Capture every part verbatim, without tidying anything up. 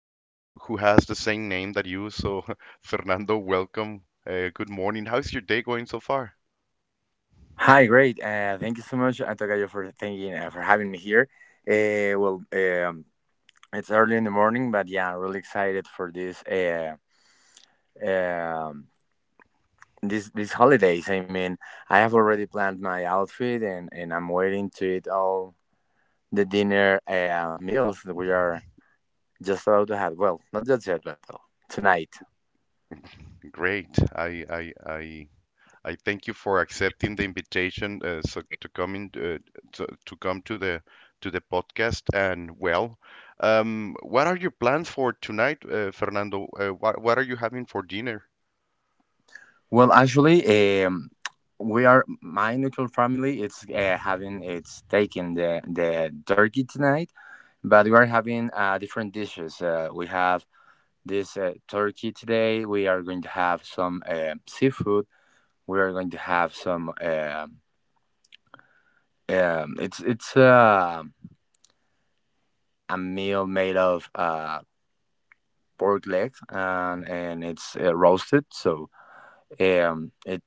somebody who has the same name that you. So, Fernando, welcome. Uh, good morning. How's your day going so far? Hi, great. Uh, thank you so much, Antokayo, for thanking uh, for having me here. Uh, well, um, it's early in the morning, but yeah, I'm really excited for this. Uh, um, this these holidays. I mean, I have already planned my outfit, and and I'm waiting to eat all the dinner uh, meals that we are just about to have. Well, not just yet, but uh, tonight. Great. I I I I thank you for accepting the invitation uh, so to come in, uh, to, to come to the to the podcast. And well, um, what are your plans for tonight, uh, Fernando? Uh, what what are you having for dinner? Well, actually, um, we are my nuclear family. It's uh, having it's taking the the turkey tonight, but we are having uh, different dishes. Uh, we have this uh, turkey today. We are going to have some uh, seafood. We are going to have some. Um um, it's it's uh, a meal made of uh, pork legs, and and it's uh, roasted. So um, it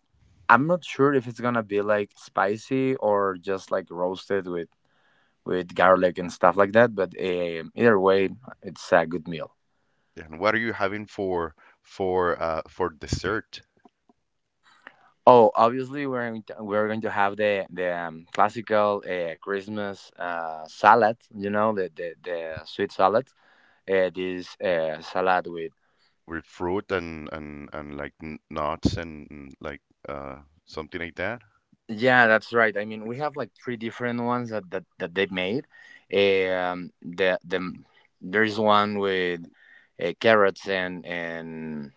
I'm not sure if it's gonna be like spicy or just like roasted with with garlic and stuff like that. But um either way, it's a good meal. And what are you having for for uh, for dessert Oh, obviously we're going to, we're going to have the the um, classical uh, Christmas uh, salad. You know the the, the sweet salad. Uh, this uh, salad with with fruit and and and like n- nuts and like uh, something like that? yeah, that's right. I mean, we have like three different ones that that, that they made. Um, the the there's one with uh, carrots and and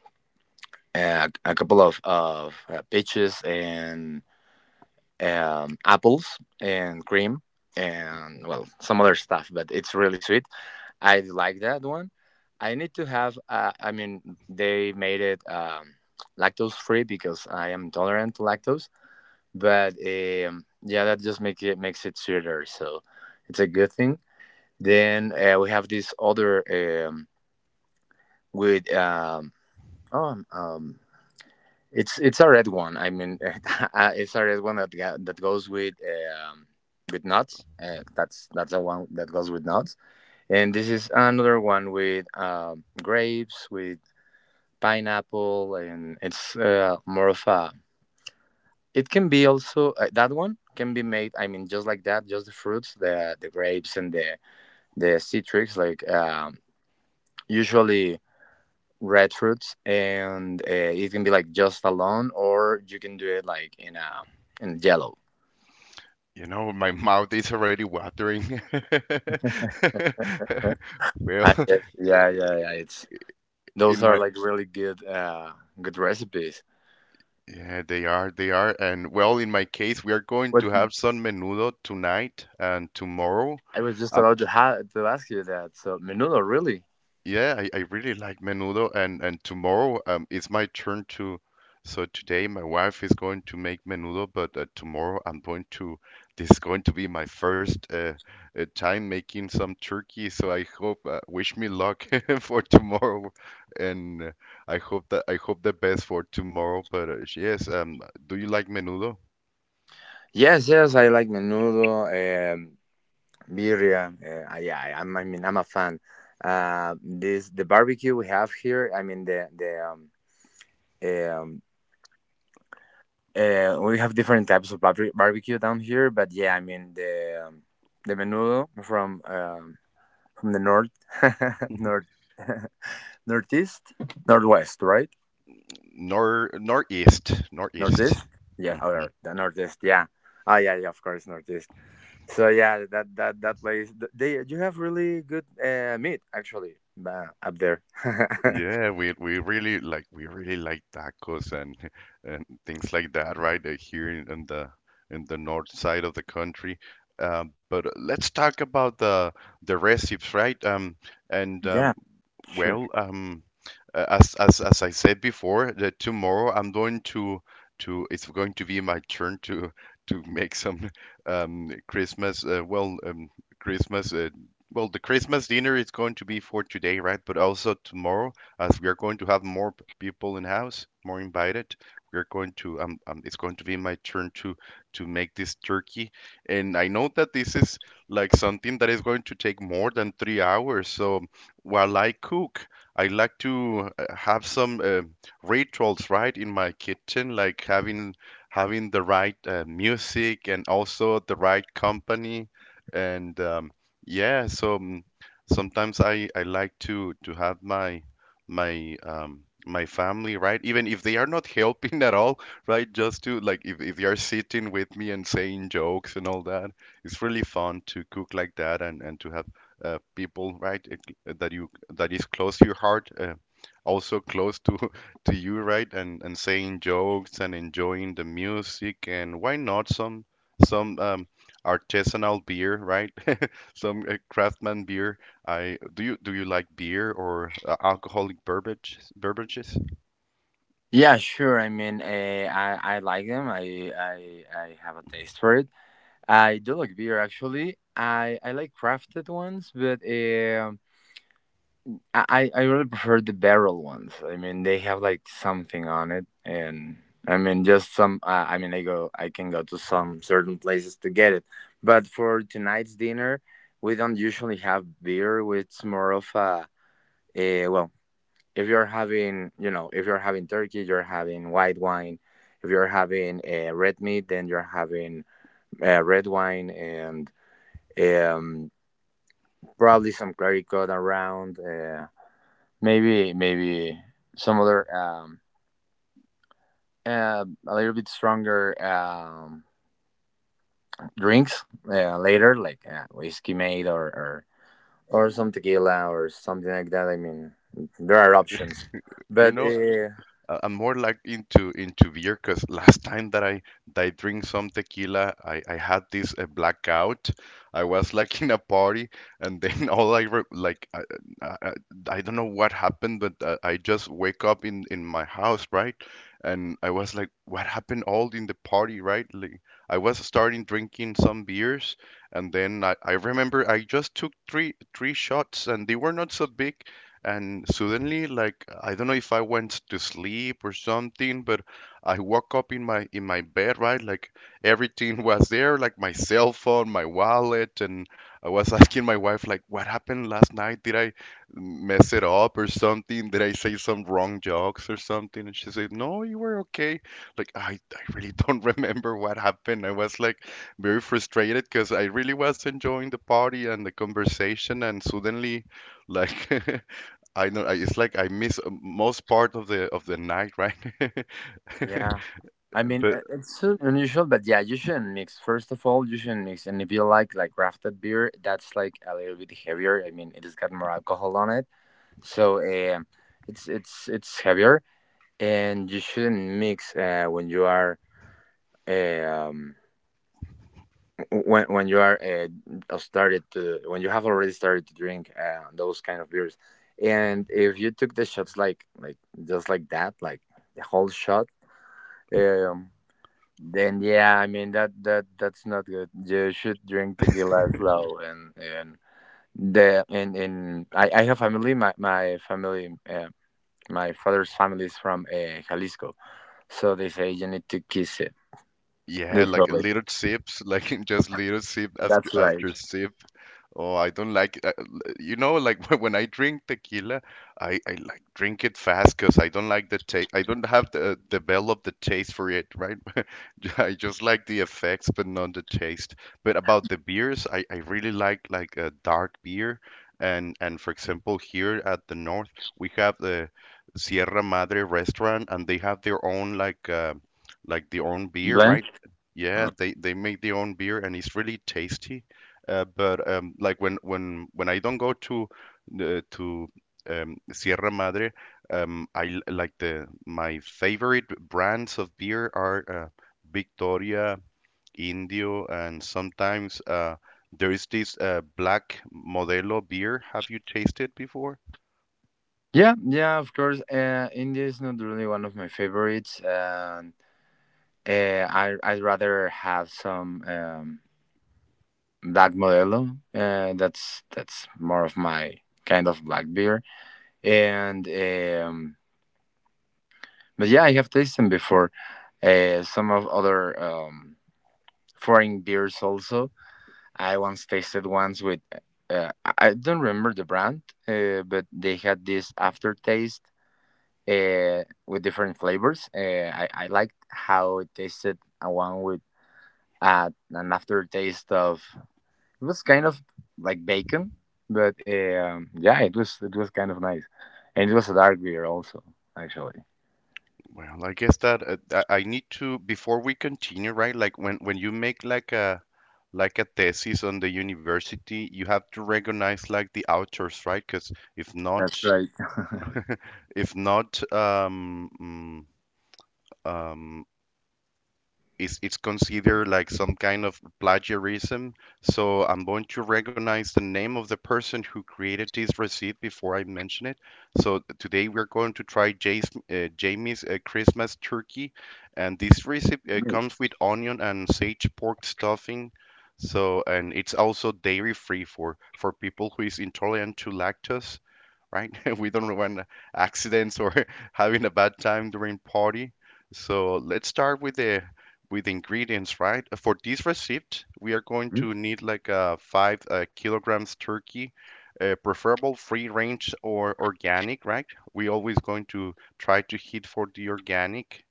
and a couple of of uh, peaches and um, apples and cream, and well, some other stuff, but it's really sweet. I like that one. I need to have uh, I mean they made it um, lactose free because I am intolerant to lactose, but um, yeah, that just make it makes it sweeter, so it's a good thing. Then uh, we have this other, um, with um, oh, um, it's it's a red one. I mean, uh, it's a red one that ga- that goes with um, with nuts. Uh, that's that's the one that goes with nuts. And this is another one with um, grapes, with pineapple, and it's uh, more of a. It can be also uh, that one can be made. I mean, just like that, just the fruits, the the grapes and the the citrus. Like um, usually red fruits, and uh, it can be like just alone, or you can do it like in a in yellow. You know, my mouth is already watering. Sure. I Well, guess, yeah, yeah, yeah. It's in those are my like really good, uh, good recipes. Yeah, they are. They are. And well, in my case, we are going What? to have some menudo tonight and tomorrow. I was just Um, about to ha- to ask you that. So menudo, really? yeah, I, I really like menudo, and and tomorrow um, it's my turn to. So today my wife is going to make menudo, but uh, tomorrow I'm going to. This is going to be my first uh, uh, time making some turkey. So I hope, uh, wish me luck for tomorrow, and uh, I hope that I hope the best for tomorrow. But uh, yes, um, do you like menudo? Yes, yes. I like menudo, um, birria. Uh, yeah, I, I'm- I mean, I'm a fan. Uh, this the barbecue we have here. I mean, the the um. eh, um Uh, we have different types of barbe- barbecue down here, but yeah, I mean the um, the menudo from um, from the north, north, northeast, northwest, right? nor Northeast, northeast. Northeast, yeah, Mhm. or the northeast, yeah. Ah, yeah, yeah, of course, northeast. So yeah, that that that place, th- they you have really good uh, meat actually uh, up there. Yeah, we we really like we really like tacos and and things like that, right? uh, Here in, in the in the north side of the country. Um, but uh, let's talk about the the recipes, right? Um, and yeah, um, sure. well, um, uh, as as as I said before, that tomorrow I'm going to to it's going to be my turn to to make some um Christmas uh, well um Christmas uh, well the Christmas dinner is going to be for today, right? But also tomorrow as we are going to have more people in house, more invited. We're going to um, um it's going to be my turn to to make this turkey, and I know that this is like something that is going to take more than three hours. So while I cook, I like to uh, have some uh, rituals right in my kitchen, like having having the right uh, music and also the right company and um, yeah so um, sometimes I, I like to to have my my um my family, right, even if they are not helping at all, right, just to like if, if they are sitting with me and saying jokes and all that. It's really fun to cook like that and and to have uh, people, right, uh, that you that is close to your heart, uh, also close to to you, right, and and saying jokes and enjoying the music. And why not some some um artisanal beer, right? Some uh, craftsman beer. I Do you do you like beer or uh, alcoholic beverage beverages? Yeah, sure. I mean, uh, I I like them. I I I have a taste for it. I do like beer actually. I I like crafted ones, but um, I I I really prefer the barrel ones. I mean, they have like something on it, and I mean just some. Uh, I mean, I go I can go to some certain places to get it. But for tonight's dinner, we don't usually have beer. It's more of a, a well, if you're having, you know, if you're having turkey, you're having white wine. If you're having uh, red meat, then you're having uh, red wine and um, probably some Clericot around, uh, maybe maybe some other um, uh, a little bit stronger um, drinks uh, later, like uh, whiskey made, or, or or some tequila or something like that. I mean, there are options, You but know, uh, I- I'm more like into into beer because last time that I that I drink some tequila, I, I had this uh, blackout. I was like in a party, and then all I re like I, I, I I don't know what happened, but uh, I just wake up in in my house, right? And I was like, what happened all in the party, right? Like I was starting drinking some beers, and then I, I remember I just took three three shots, and they were not so big, and suddenly, like I don't know if I went to sleep or something, but I woke up in my in my bed, right? Like everything was there, like my cell phone, my wallet, and I was asking my wife, like, what happened last night? Did I mess it up or something? Did I say some wrong jokes or something? And she said, no, you were okay. Like I I really don't remember what happened. I was like very frustrated because I really was enjoying the party and the conversation, and suddenly like I know I- it's like I miss uh, most part of the of the night, right? yeah. I mean, But uh, it's uh, unusual, but yeah, you shouldn't mix. First of all, you shouldn't mix. And if you like like crafted beer, that's like a little bit heavier. I mean, it has got more alcohol on it. So um, it's it's it's heavier, and you shouldn't mix uh, when you are eh, um, w- when when you are uh, uh, started to when you have already started to drink uh, those kind of beers. And if you took the shots like like just like that, like the whole shot, um, then yeah, I mean that that that's not good. You should drink tequila slow, and and the and and I I have family. My my family. Um, My father's family is from uh, Jalisco, so they say you need to kiss it. yeah, like Literally, little sips, like just little sip after that's right. after sip. Oh, I don't like it. I- l- You know, like when I drink tequila, I, I like drink it fast because I don't like the taste. I don't have the uh, develop the taste for it, right? I just like the effects, but not the taste. But about the beers, I, I really like like a dark beer, and and for example, here at the north, we have the Sierra Madre restaurant, and they have their own like uh, like their own beer, Blend. right? Yeah, Uh, they they make their own beer, and it's really tasty, uh, but um, like when when when I don't go to the to um, Sierra Madre, um, I l- like the my favorite brands of beer are uh, Victoria, Indio, and sometimes uh, there is this uh, black Modelo beer. Have you tasted before? Yeah, yeah, of course. Uh, India is not really one of my favorites, and uh, I I'd rather have some um, black Modelo. Uh, that's that's more of my kind of black beer. And um, but yeah, I have tasted them before. Uh, some of other um, foreign beers also. I once tasted ones with, uh, I I don't remember the brand, uh, but they had this aftertaste uh, with different flavors. Uh, I, I liked how it tasted, a one with uh, an aftertaste of, it was kind of like bacon, but um, yeah, it was it was kind of nice. And it was a dark beer also, actually. Well, I guess that uh, I I need to before we continue, right? Like when when you make like a like a thesis on the university, you have to recognize like the authors, right? Because if That's not, right. if not, um, mm, um, is it's considered like some kind of plagiarism. So I'm going to recognize the name of the person who created this receipt before I mention it. So today we're going to try Jay's, uh, Jamie's uh, Christmas turkey, and this receipt uh, Right. comes with onion and sage pork stuffing. So and it's also dairy free for for people who is intolerant to lactose, right? We don't want accidents or having a bad time during party. So let's start with the with the ingredients, right? Uh, For this receipt, we are going to need like uh, five uh, kilograms turkey, uh, preferable free range or organic, right? We always going to try to hit for the organic,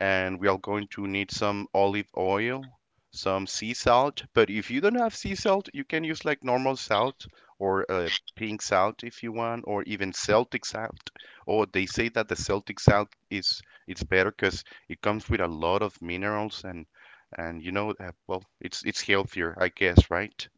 and we are going to need some olive oil, some sea salt. But if you don't have sea salt, you can use like normal salt or uh, pink salt if you want, or even Celtic salt. Or oh, they say that the Celtic salt is it's better because it comes with a lot of minerals and and you know uh, well it's it's healthier, I guess, right?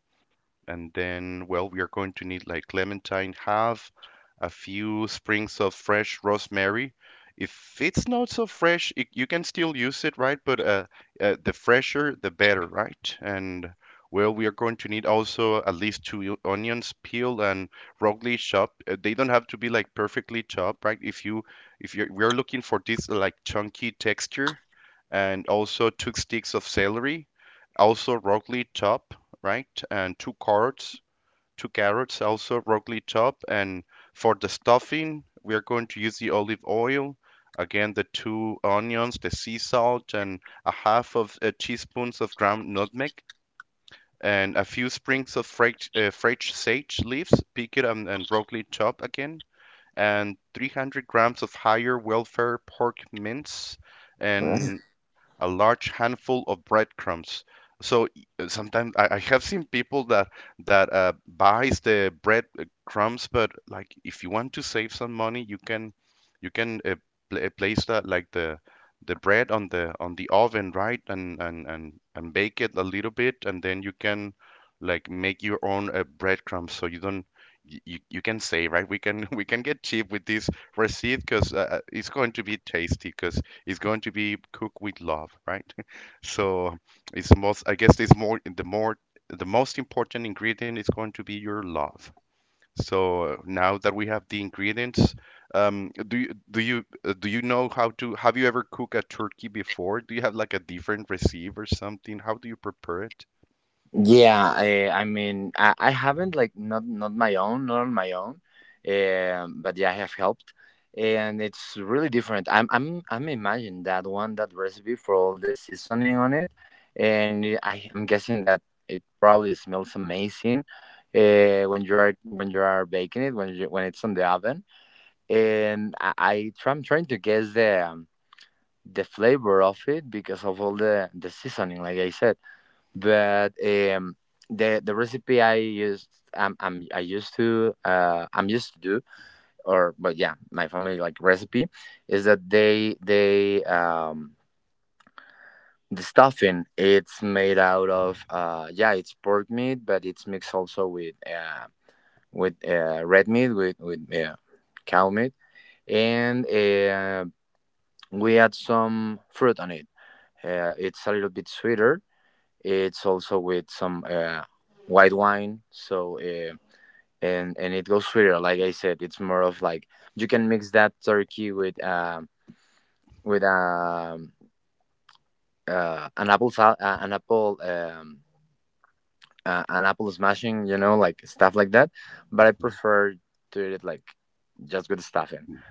And then, well, we are going to need like clementine half, a few sprigs of fresh rosemary. If it's not so fresh, it, you can still use it, right? But uh, uh, the fresher, the better, right? And well, we are going to need also at least two onions peeled and roughly chopped. Uh, they don't have to be like perfectly chopped, right? If you if you're we're looking for this like chunky texture, and also two sticks of celery, also roughly chopped, right? And two carrots, two carrots also, broccoli chop. And for the stuffing, we are going to use the olive oil. Again, the two onions, the sea salt, and a half of a teaspoons of ground nutmeg, and a few sprigs of fresh, uh, fresh sage leaves. Pick it and, and broccoli chop again, and three hundred grams of higher welfare pork mince, and Hmm? a large handful of breadcrumbs. So y- uh, sometimes I, I have seen people that that uh, buys the bread uh, crumbs, but like if you want to save some money, you can you can uh, pla place that like the the bread on the on the oven, right? And and and and bake it a little bit, and then you can like make your own uh, breadcrumbs, so you don't y- you, you can save, right? We can we can get cheap with this receipt because uh, uh, it's going to be tasty. Because is going to be cooked with love, right? So it's most, I guess, it's more the more the most important ingredient is going to be your love. So now that we have the ingredients, um, do you do you uh, do you know how to? Have you ever cooked a turkey before? Do you have like a different recipe or something? How do you prepare it? Yeah, uh, I mean, I, I haven't like not not my own, not on my own, um, but yeah, I have helped, and it's really different. I'm I'm I'm imagining that one that recipe for all the seasoning on it, and it- I I'm guessing that it probably smells amazing, uh, when you are when you are baking it, when you, when it's on the oven, and I, I try, I'm trying to guess the um, the flavor of it because of all the the seasoning, like I said. But um the the recipe I used I'm, I'm I used to uh I'm used to do, or but yeah, my family like recipe is that they they um the stuffing, it's made out of uh yeah, it's pork meat, but it's mixed also with uh with uh red meat, with with uh, cow meat, and uh we add some fruit on it. Uh, it's a little bit sweeter. It's also with some uh, white wine. So uh, and and it goes sweeter. Like I said, it's more of like you can mix that turkey with um with um uh, an apple sal- uh, an apple um uh, an apple smashing. You know, like stuff like that. But I Mhm. prefer to eat it like just with stuffing. Mm.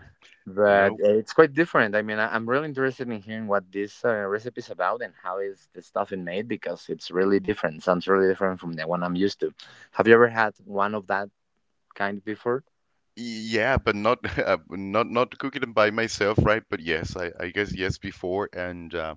You But know, uh, it's quite different. I mean, I, I'm really interested in hearing what this uh, recipe is about and how is the stuffing made, because it's really different. Sounds really different from the one I'm used to. Have you ever had one of that kind before? yeah, but not uh, not not cooking them by myself, right? But yes, I, I guess yes before, and uh,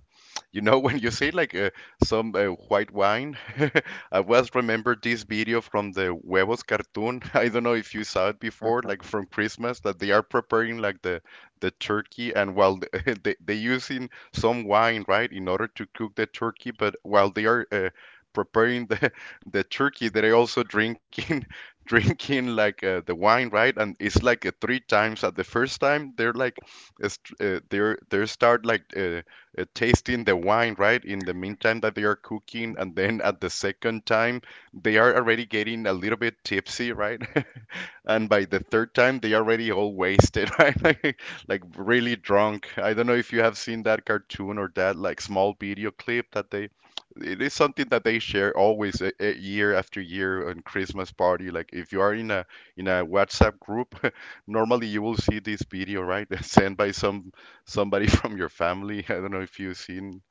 you know, when you say like uh, some uh, white wine, I was remember this video from the huevos cartoon. I don't know if you saw it before, like from Christmas, that they are preparing like the the turkey, and while they they they using some wine, right, in order to cook the turkey, but while they are uh, preparing the the turkey, they're also drinking drinking like uh, the wine, right? And it's like uh, three times. At the first time, they're like uh, str- uh, they're they start like. Uh, uh, tasting the wine, right? In the meantime that they are cooking, and then at the second time, they are already getting a little bit tipsy, right? And by the third time they already all wasted, right, like, like really drunk. I don't know if you have seen that cartoon or that like small video clip that they, it is something that they share always a, a year after year on Christmas party. Like if you are in a in a WhatsApp group, normally you will see this video, right? Sent by some somebody from your family. I don't know if you've seen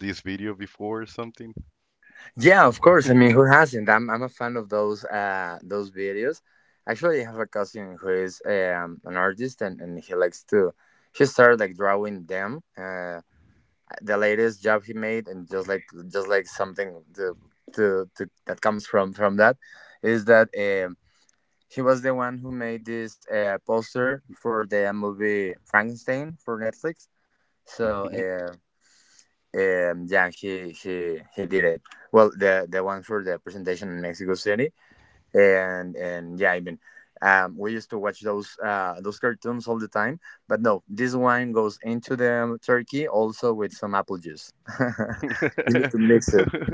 this video before or something. Yeah, of course. I mean, who hasn't? I'm I'm a fan of those uh those videos. Actually, I have a cousin who is um an artist, and and he likes to, he started like drawing them. Uh, the latest job he made, and just like just like something to, to, to that comes from from that is that um he was the one who made this uh, poster for the movie Frankenstein for Netflix. So uh, um yeah, he he he did it, well, the the one for the presentation in Mexico City. And and yeah, I mean, um we used to watch those uh those cartoons all the time. But no, this wine goes into the turkey also with some apple juice. You need to mix it.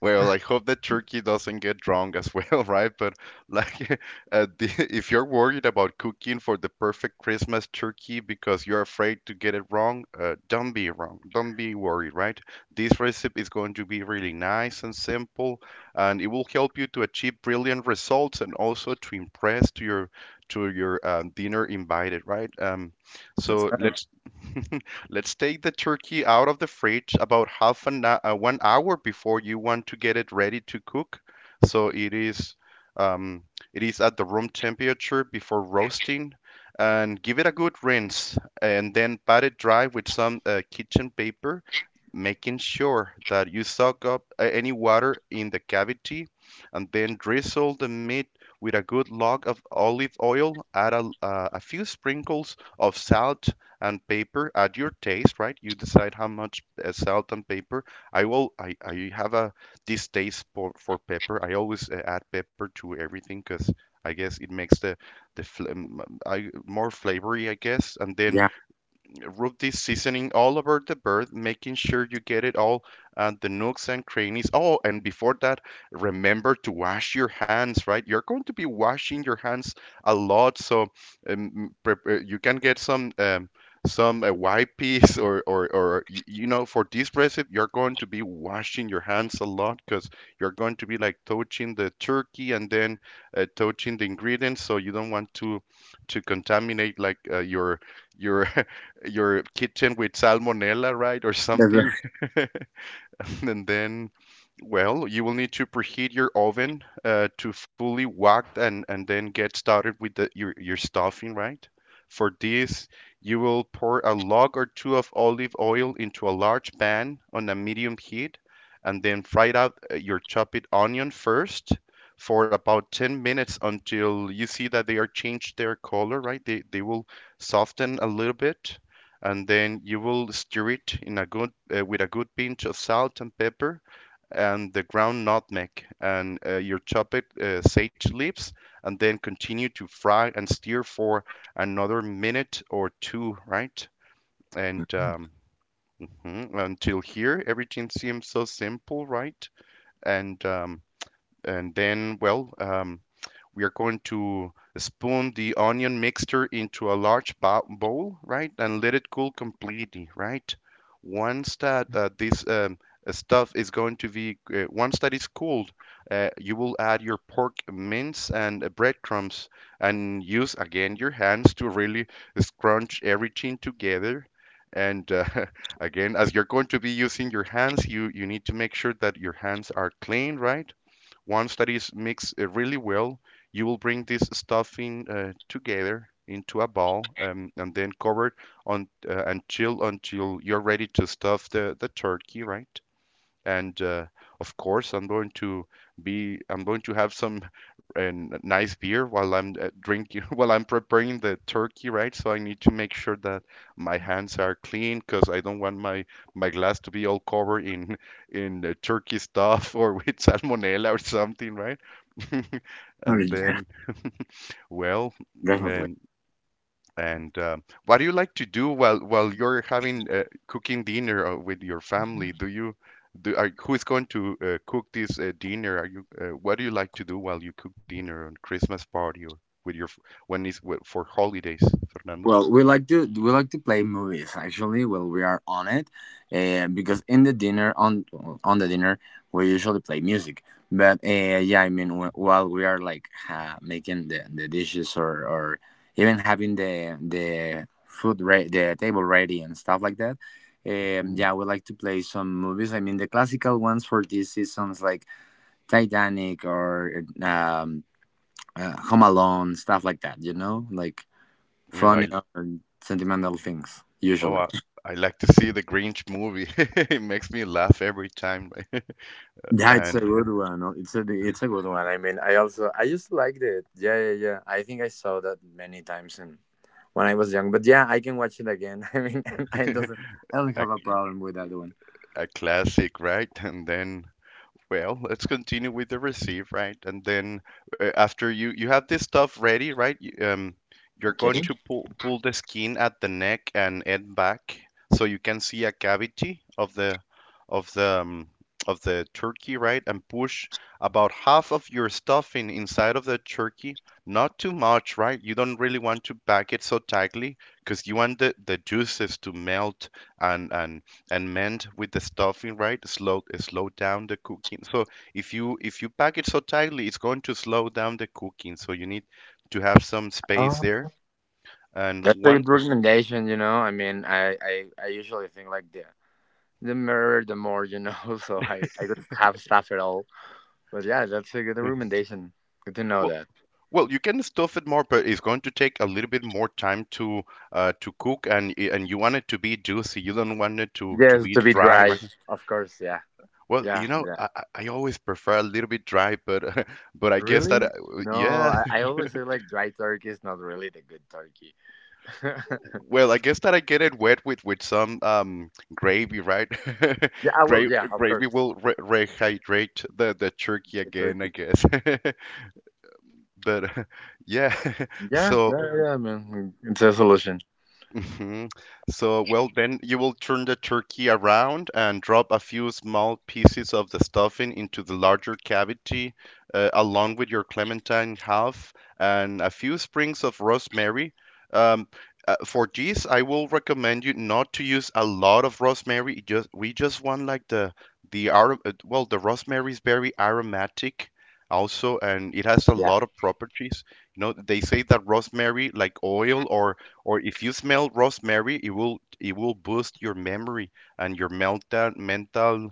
Well, I hope that turkey doesn't get drunk as well, right? But like, uh, the, if you're worried about cooking for the perfect Christmas turkey because you're afraid to get it wrong, uh, don't be wrong. Don't be worried, right? This recipe is going to be really nice and simple, and it will help you to achieve brilliant results and also to impress to your to your um, dinner invited, right? Um, That's so right. let's. Let's take the turkey out of the fridge about half an uh, one hour before you want to get it ready to cook, so it is um, it is at the room temperature before roasting, and give it a good rinse, and then pat it dry with some uh, kitchen paper, making sure that you soak up uh, any water in the cavity, and then drizzle the meat with a good log of olive oil. Add a, uh, a few sprinkles of salt and paper at your taste, right? You decide how much uh, salt and pepper. I will. I, I have a distaste for, for pepper. I always uh, add pepper to everything because I guess it makes the the fl- um, I, more flavory, I guess. And then Yeah, rub this seasoning all over the bird, making sure you get it all at the nooks and crannies. Oh, and before that, remember to wash your hands, right? You're going to be washing your hands a lot, so um, uh, you can get some um, some uh, wipes, or or, or you know for this recipe you're going to be washing your hands a lot because you're going to be like touching the turkey and then uh, touching the ingredients, so you don't want to to contaminate like uh, your your your kitchen with salmonella, right, or that's something. right. And then, well, you will need to preheat your oven uh, to fully whacked, and, and then get started with the, your, your stuffing, right? For this, you will pour a log or two of olive oil into a large pan on a medium heat and then fry out uh, your chopped onion first for about ten minutes until you see that they are changed their color, right? They, they will soften a little bit, and then you will stir it in a good uh, with a good pinch of salt and pepper and the ground nutmeg and uh, your chopped uh, sage leaves, and then continue to fry and stir for another minute or two, right? and um, mhm, until here everything seems so simple, right? and um, and then well um, We are going to spoon the onion mixture into a large bowl, right? And let it cool completely, right? Once that uh, this um, uh, stuff is going to be, uh, Once that is cooled, uh, you will add your pork mince and uh, breadcrumbs, and use again your hands to really scrunch everything together. And uh, again, as you're going to be using your hands, you, you need to make sure that your hands are clean, right? Once that is mixed uh, really well, you will bring this stuffing uh, together into a ball, um, and then cover it on uh, and chill until you're ready to stuff the, the turkey, right? And uh, of course i'm going to be i'm going to have some uh, nice beer while i'm uh, drinking while I'm preparing the turkey, right? So I need to make sure that my hands are clean because I don't want my my glass to be all covered in in uh, turkey stuff or with salmonella or something, right. and Sorry, yeah, then well definitely. and and um, What do you like to do while while you're having uh, cooking dinner uh, with your family? Do you do are, Who is going to uh, cook this uh, dinner? Are you uh, What do you like to do while you cook dinner on Christmas party or with your f- when is wh- for holidays, Fernando? Well, we like to we like to play movies actually. Well, we are on it, uh, because in the dinner on on the dinner we usually play music. But uh, yeah, I mean wh- while we are like uh, making the, the dishes, or or even having the the food re- the table ready, and stuff like that. Um, Mm. Yeah, we like to play some movies. I mean the classical ones for these seasons, like Titanic, or um, uh, Home Alone, stuff like that, you know, like You know, I, funny or sentimental things oh, usually. I, I like to see the Grinch movie. It makes me laugh every time, Yeah, it's a and good one. No, it's a it's a good one. I mean, I also I just liked it. Yeah, yeah, yeah. I think I saw that many times and when I was young, but yeah, I can watch it again. I mean, I doesn't I don't a, have a problem with that one. a classic, right? And then, well, let's continue with the receive, right? And then uh, after you you have this stuff ready, right? You, um, you're going Okay. to pull pull the skin at the neck and head back, so you can see a cavity of the of the um, of the turkey, right? And push about half of your stuffing inside of the turkey. Not too much, right? You don't really want to pack it so tightly because you want the, the juices to melt and and and mend with the stuffing, right? Slow slow down the cooking. So if you if you pack it so tightly, it's going to slow down the cooking. So you need to have some space Oh, there. And that's a good once recommendation. You know, I mean, I I, I usually think like the the mirror, the more you know. So I I could have stuff at all. But yeah, that's a good recommendation. Good to know Well, that. well, you can stuff it more, but it's going to take a little bit more time to uh, to cook, and and you want it to be juicy. You don't want it to to Yes, be to be dry, dry, right? of course. Yeah, Well, yeah, you know, yeah. I, I I always prefer a little bit dry, but but I guess that Really? uh, No, yeah, I, I always say like dry turkey is not really the good turkey. Yeah, well, I guess that I get it wet with with some um gravy, right? I Gra will. Yeah, of Gravy course, will re rehydrate the the turkey the again, I turkey. guess. But yeah, Yeah, so. yeah, yeah, man. It's a solution. Hmm. So, well, then you will turn the turkey around and drop a few small pieces of the stuffing into the larger cavity, uh, along with your clementine half and a few sprigs of rosemary. Um, uh, for this, I will recommend you not to use a lot of rosemary. It, just we just want like the the ar- uh, well, the rosemary is very aromatic also, and it has a Yeah, lot of properties. You know, they say that rosemary, like oil or or if you smell rosemary, it will it will boost your memory and your mental mental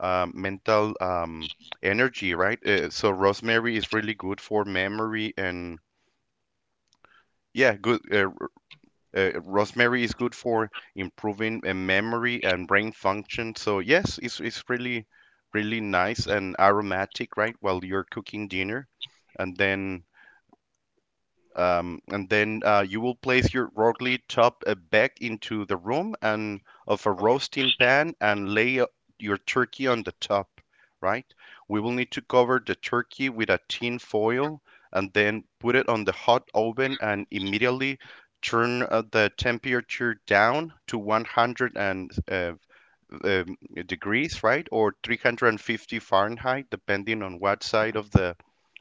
uh, mental um, energy, right? Uh, so rosemary is really good for memory and yeah, good. Uh, r- uh, rosemary is good for improving uh, memory and brain function. So yes, it's it's really really nice and aromatic, right? While you're cooking dinner, and then Um, and then uh, you will place your Rorgli top uh, back into the room and of a roasting pan and lay uh, your turkey on the top, right? We will need to cover the turkey with a tin foil and then put it on the hot oven and immediately turn uh, the temperature down to one hundred and uh, um, degrees, right? Or three hundred fifty Fahrenheit, depending on what side of the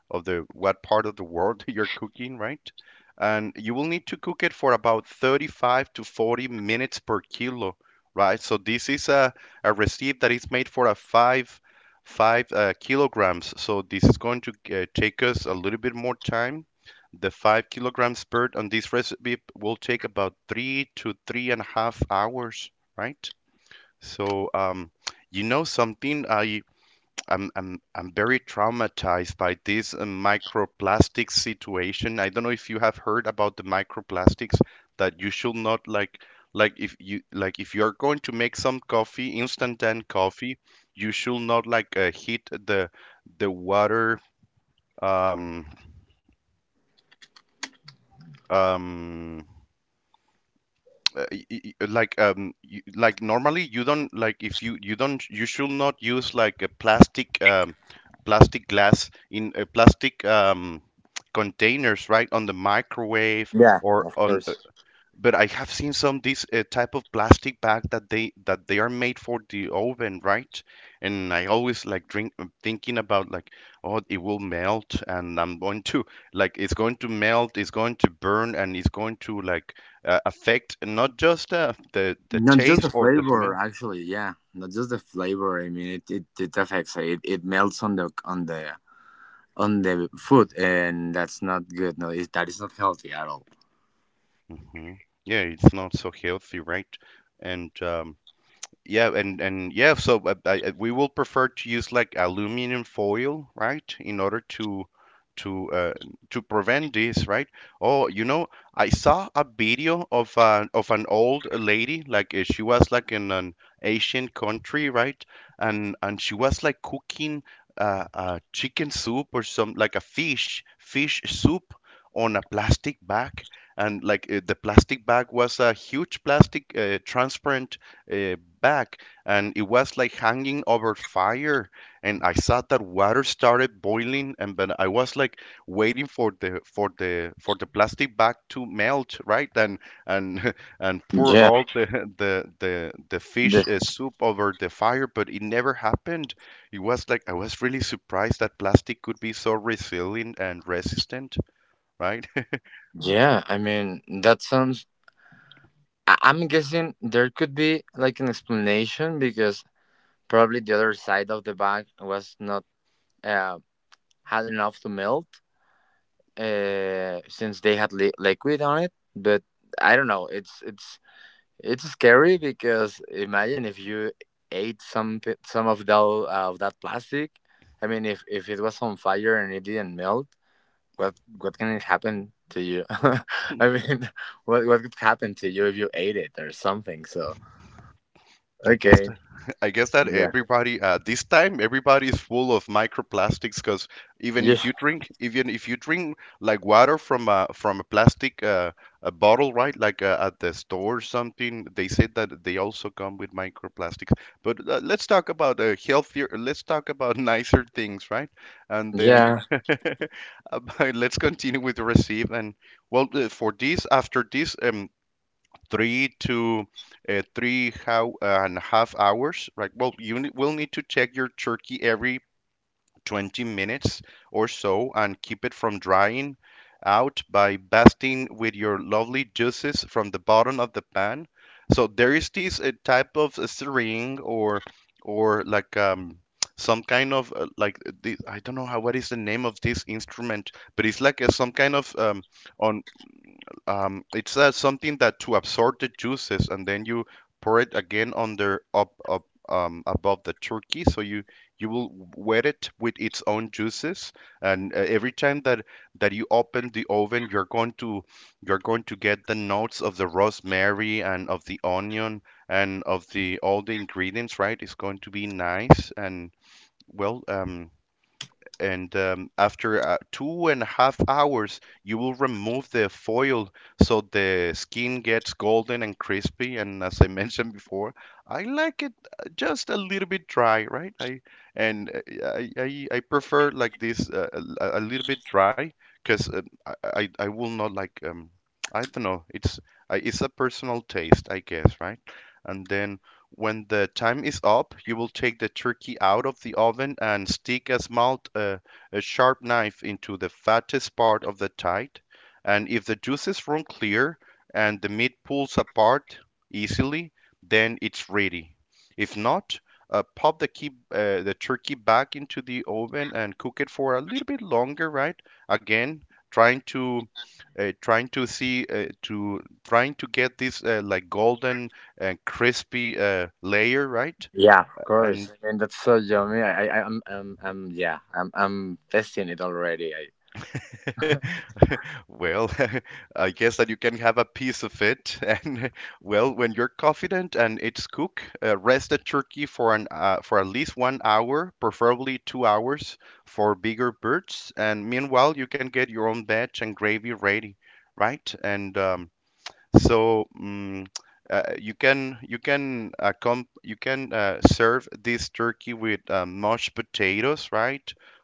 of the what part of the world you're cooking, right? And you will need to cook it for about thirty-five to forty minutes per kilo, right? So this is a, a recipe that is made for a five five uh, kilograms. So this is going to uh, take us a little bit more time. The five kilograms bird on this recipe will take about three to three and a half hours, right? So um, you know something, I I'm I'm I'm very traumatized by this uh, microplastic situation. I don't know if you have heard about the microplastics that you should not like like if you like if you are going to make some coffee, instant coffee, you should not like uh, heat the the water um um uh, y- y- like um you, like normally you don't like if you you don't you should not use like a plastic um plastic glass in a plastic um containers, right, on the microwave yeah, or of on, course. but I have seen some this uh, type of plastic bag that they that they are made for the oven, right? And I always like drink uh, thinking about like, oh, it will melt, and I'm going to like it's going to melt, it's going to burn, and it's going to like uh, affect not just uh, the the Not just the taste or the flavor, smell. actually. Yeah, not just the flavor. I mean, it it, it affects. It it melts on the on the on the food, and that's not good. No, it, that is not healthy at all. Hmm Yeah, it's not so healthy, right? And um, Yeah, and and yeah, so uh, I, I- we will prefer to use like aluminum foil, right, in order to to uh, to prevent this, right? Oh, you know, I saw a video of uh, of an old lady, like uh, she was like in an Asian country, right? And and she was like cooking uh, uh, chicken soup or some like a fish fish soup on a plastic bag, and like uh, the plastic bag was a huge plastic uh, transparent uh, back, and it was like hanging over fire. And I saw that water started boiling, and but I was like waiting for the for the for the plastic bag to melt, right? And and and pour Yeah. all the the the the fish This. uh, soup over the fire, but it never happened. It was like I was really surprised that plastic could be so resilient and resistant, right? Yeah. I mean, that sounds I- I'm guessing there could be like an explanation because probably the other side of the bag was not uh, had enough to melt uh, since they had li- liquid on it. But I don't know. It's it's it's scary because imagine if you ate some pi- some of that of that plastic. I mean, if if it was on fire and it didn't melt, what what can it happen to you? I mean, what what could happen to you if you ate it or something? So I guess okay. that I guess that Yeah. everybody uh, this time everybody is full of microplastics because even if Yes. you drink even if you drink like water from a from a plastic uh, a bottle, right? Like uh, at the store or something, they said that they also come with microplastics. But uh, let's talk about uh, healthier let's talk about nicer things, right? And then Yeah. about, let's continue with the receive. And well, uh, for this, after this um, three to uh, three how, uh, and a half hours, right? Well, you will need to check your turkey every twenty minutes or so and keep it from drying out by basting with your lovely juices from the bottom of the pan. So there is this uh, type of string or or like um some kind of uh, like uh, the, I don't know how what is the name of this instrument, but it's like uh, some kind of um on um, it's uh, something that to absorb the juices, and then you pour it again under up up um, above the turkey, so you you will wet it with its own juices. And uh, every time that that you open the oven, you're going to you're going to get the notes of the rosemary and of the onion and of the all the ingredients, right? It's going to be nice and well. Um, and um, After uh, two and a half hours, you will remove the foil so the skin gets golden and crispy. And as I mentioned before, I like it uh, just a little bit dry, right? I and uh, I I, I prefer like this uh, a, a little bit dry because uh, I, I I will not like um I don't know. It's I, it's a personal taste, I guess, right? And then when the time is up, you will take the turkey out of the oven and stick a small uh, a sharp knife into the fattest part of the tide. And if the juices run clear and the meat pulls apart easily, then it's ready. If not, uh, pop the, key, uh, the turkey back into the oven and cook it for a little bit longer, right? Again, trying to uh, trying to see uh, to trying to get this uh, like golden and crispy uh, layer, right? Yeah. Of course. And I mean, that's so yummy. I. I. I'm. I'm. I'm yeah. I'm. I'm testing it already. I. well, I guess that you can have a piece of it. And well, when you're confident and it's cooked, uh, rest the turkey for an uh, for at least one hour, preferably two hours for bigger birds. And meanwhile, you can get your own veg and gravy ready, right? And um, So mm uh, You can you can uh, com you can uh, serve this turkey with uh, mashed potatoes, right?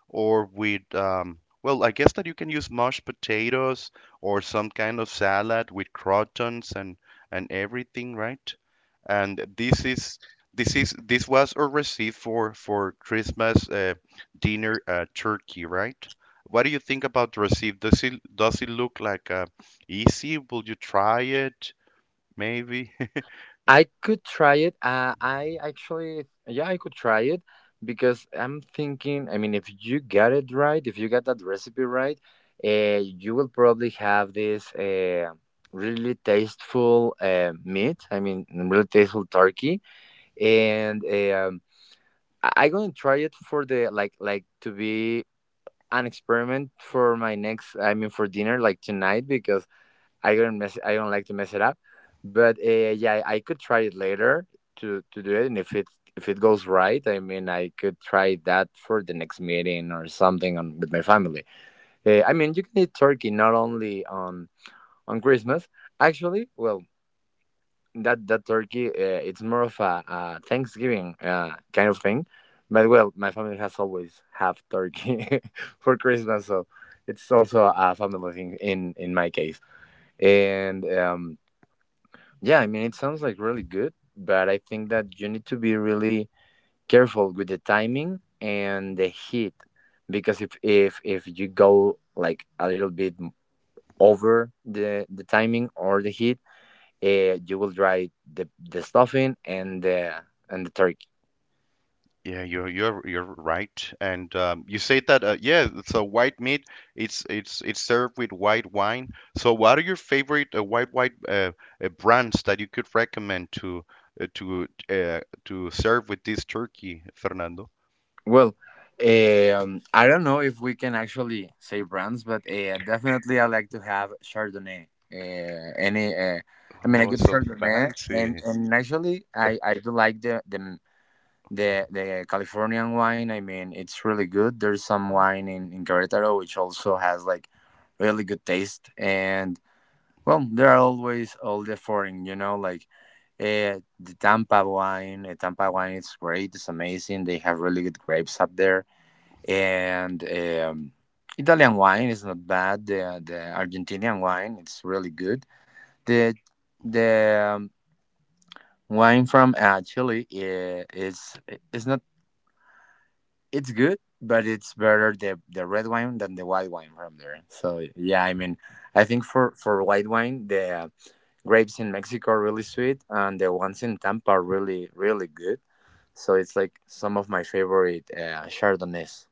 Or with um, well, I guess that you can use mashed potatoes or some kind of salad with croutons and and everything, right? And this is this is this was a receipt for for Christmas uh, dinner uh, turkey, right? What do you think about the receipt? Does it does it look like a easy? Will you try it? Maybe. I could try it. Uh, I actually. Yeah, I could try it because I'm thinking. I mean, if you got it right, if you got that recipe right, uh, you will probably have this uh, really tasteful uh, meat. I mean, really tasteful turkey, and um, I- I'm gonna try it for the like like to be an experiment for my next. I mean for dinner like tonight, because I don't mess, I don't like to mess it up, but uh, yeah, I could try it later to to do it, and if it, if it goes right, I mean, I could try that for the next meeting or something on with my family. uh, I mean, you can eat turkey not only on on Christmas. Actually, well, that that turkey uh, it's more of a, uh Thanksgiving uh, kind of thing. But well, my family has always have turkey for Christmas, so it's also a family thing in in my case. And um yeah, I mean, it sounds like really good, but I think that you need to be really careful with the timing and the heat, because if if if you go like a little bit over the the timing or the heat, uh, you will try the, the stuffing and the and the turkey. Yeah, you're you're you're right. And um, You say that uh, yeah, so white meat, it's it's it's served with white wine. So what are your favorite uh, white white uh, uh, brands that you could recommend to uh, to uh, to serve with this turkey, Fernando? Well, um, I don't know if we can actually say brands, but uh, definitely I like to have Chardonnay. Uh, any, uh, I mean, a Oh, good so Chardonnay, and fancy. and actually I I do like the the the the Californian wine. I mean, it's really good. There's some wine in in Querétaro which also has like really good taste. And well, there are always all the foreign, you know, like uh, the Tampa wine. Uh, Tampa wine is great. It's amazing. They have really good grapes up there. And um, Italian wine is not bad. The, the Argentinian wine, it's really good. The the um, wine from uh, Chile uh, is eh, it's not, it's good, but it's better the the red wine than the white wine from there. So yeah, I mean, I think for for white wine, the grapes in Mexico are really sweet, and the ones in Tampa are really, really good. So it's like some of my favorite uh, Chardonnays.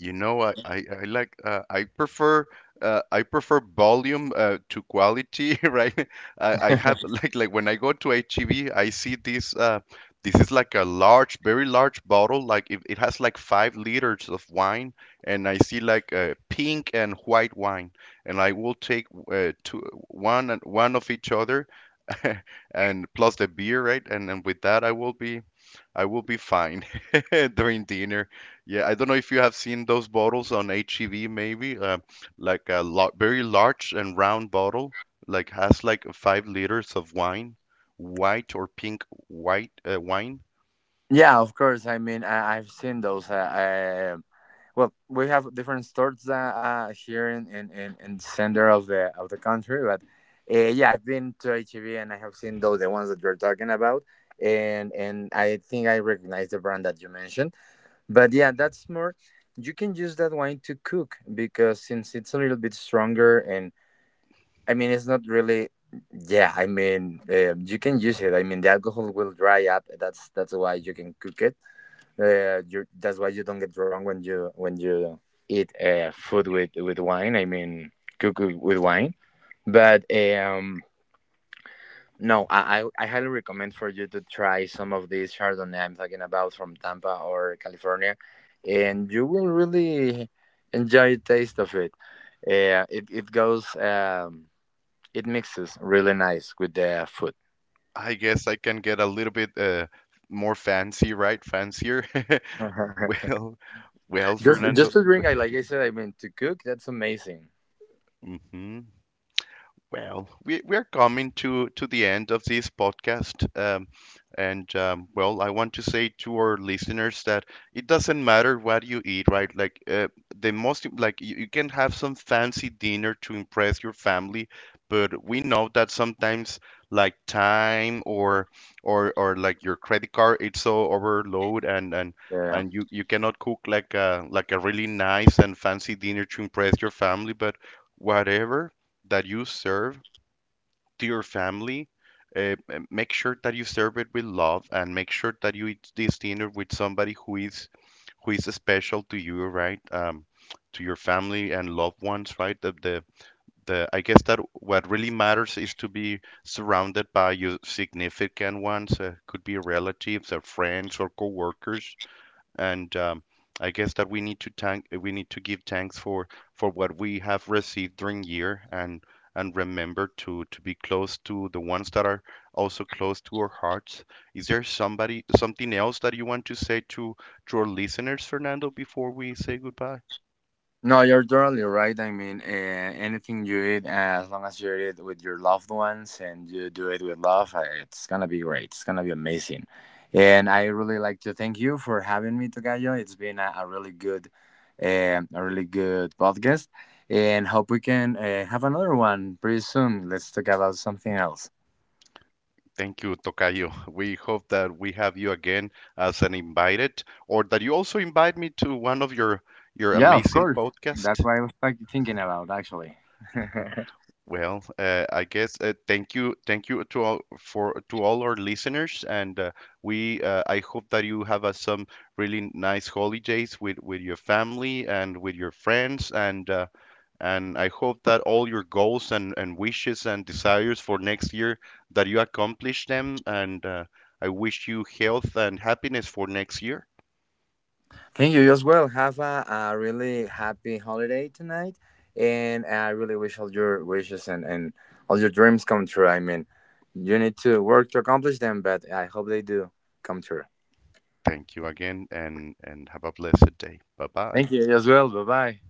You know, I I, I like uh, I prefer uh, I prefer volume uh, to quality, right? I, I have like like when I go to H E B, I see this uh, this is like a large, very large bottle. Like it, it has like five liters of wine, and I see like uh, pink and white wine, and I will take uh, two, one and one of each other, and plus the beer, right? And then with that, I will be I will be fine during dinner. Yeah, I don't know if you have seen those bottles on H E V, maybe, uh, like a lo- very large and round bottle, like has like five liters of wine, white or pink white uh, wine. Yeah, of course. I mean, I, I've seen those. Uh, uh, well, we have different stores uh, uh, here in, in, in, in the center of the of the country, but uh, yeah, I've been to H E B and I have seen those, the ones that you're talking about, and and I think I recognize the brand that you mentioned. But yeah, that's more. You can use that wine to cook because since it's a little bit stronger, and I mean, it's not really. Yeah, I mean, um, you can use it. I mean, the alcohol will dry up. That's that's why you can cook it. Uh, you, that's why you don't get drunk when you when you eat uh, food with with wine. I mean, cook with with wine. But um, no, I, I I highly recommend for you to try some of these Chardonnay I'm talking about from Tampa or California, and you will really enjoy the taste of it. Uh, it it goes um, it mixes really nice with the food. I guess I can get a little bit uh, more fancy, right? Fancier. Well, well, just Fernando. just to drink, I, like I said, I mean to cook. That's amazing. Hmm Well, we, we are coming to, to the end of this podcast. Um, and um, Well, I want to say to our listeners that it doesn't matter what you eat, right? Like uh, the most like you, you can have some fancy dinner to impress your family, but we know that sometimes like time or or or like your credit card, it's so overload and and Yeah. and you, you cannot cook like a like a really nice and fancy dinner to impress your family. But whatever that you serve to your family, uh, uh, make sure that you serve it with love and make sure that you eat this dinner with somebody who is who is special to you, right? Um, to your family and loved ones, right? The, the the I guess that what really matters is to be surrounded by your significant ones, uh, could be relatives or friends or coworkers. And um, I guess that we need to thank we need to give thanks for for what we have received during year and and remember to to be close to the ones that are also close to our hearts. Is there somebody something else that you want to say to to our listeners, Fernando, before we say goodbye? No, you're totally right. I mean, uh, anything you eat, as long as you eat it with your loved ones and you do it with love, uh, it's gonna be great. It's gonna be amazing. And I really like to thank you for having me, Tocayo. It's been a, a really good, um, a really good podcast, and hope we can uh, have another one pretty soon. Let's talk about something else. Thank you, Tocayo. We hope that we have you again as an invited, or that you also invite me to one of your your Yeah, of amazing course. That's podcasts. what I was like, thinking about actually. Well, uh, I guess uh, thank you, thank you to all for to all our listeners, and uh, we uh, I hope that you have uh, some really nice holidays with with your family and with your friends, and uh, and I hope that all your goals and and wishes and desires for next year that you accomplish them, and uh, I wish you health and happiness for next year. Thank you as well. Have a, a really happy holiday tonight, and I really wish all your wishes and, and all your dreams come true. I mean, you need to work to accomplish them, but I hope they do come true. Thank you again, and and have a blessed day. Bye bye. Thank you as well. Bye bye.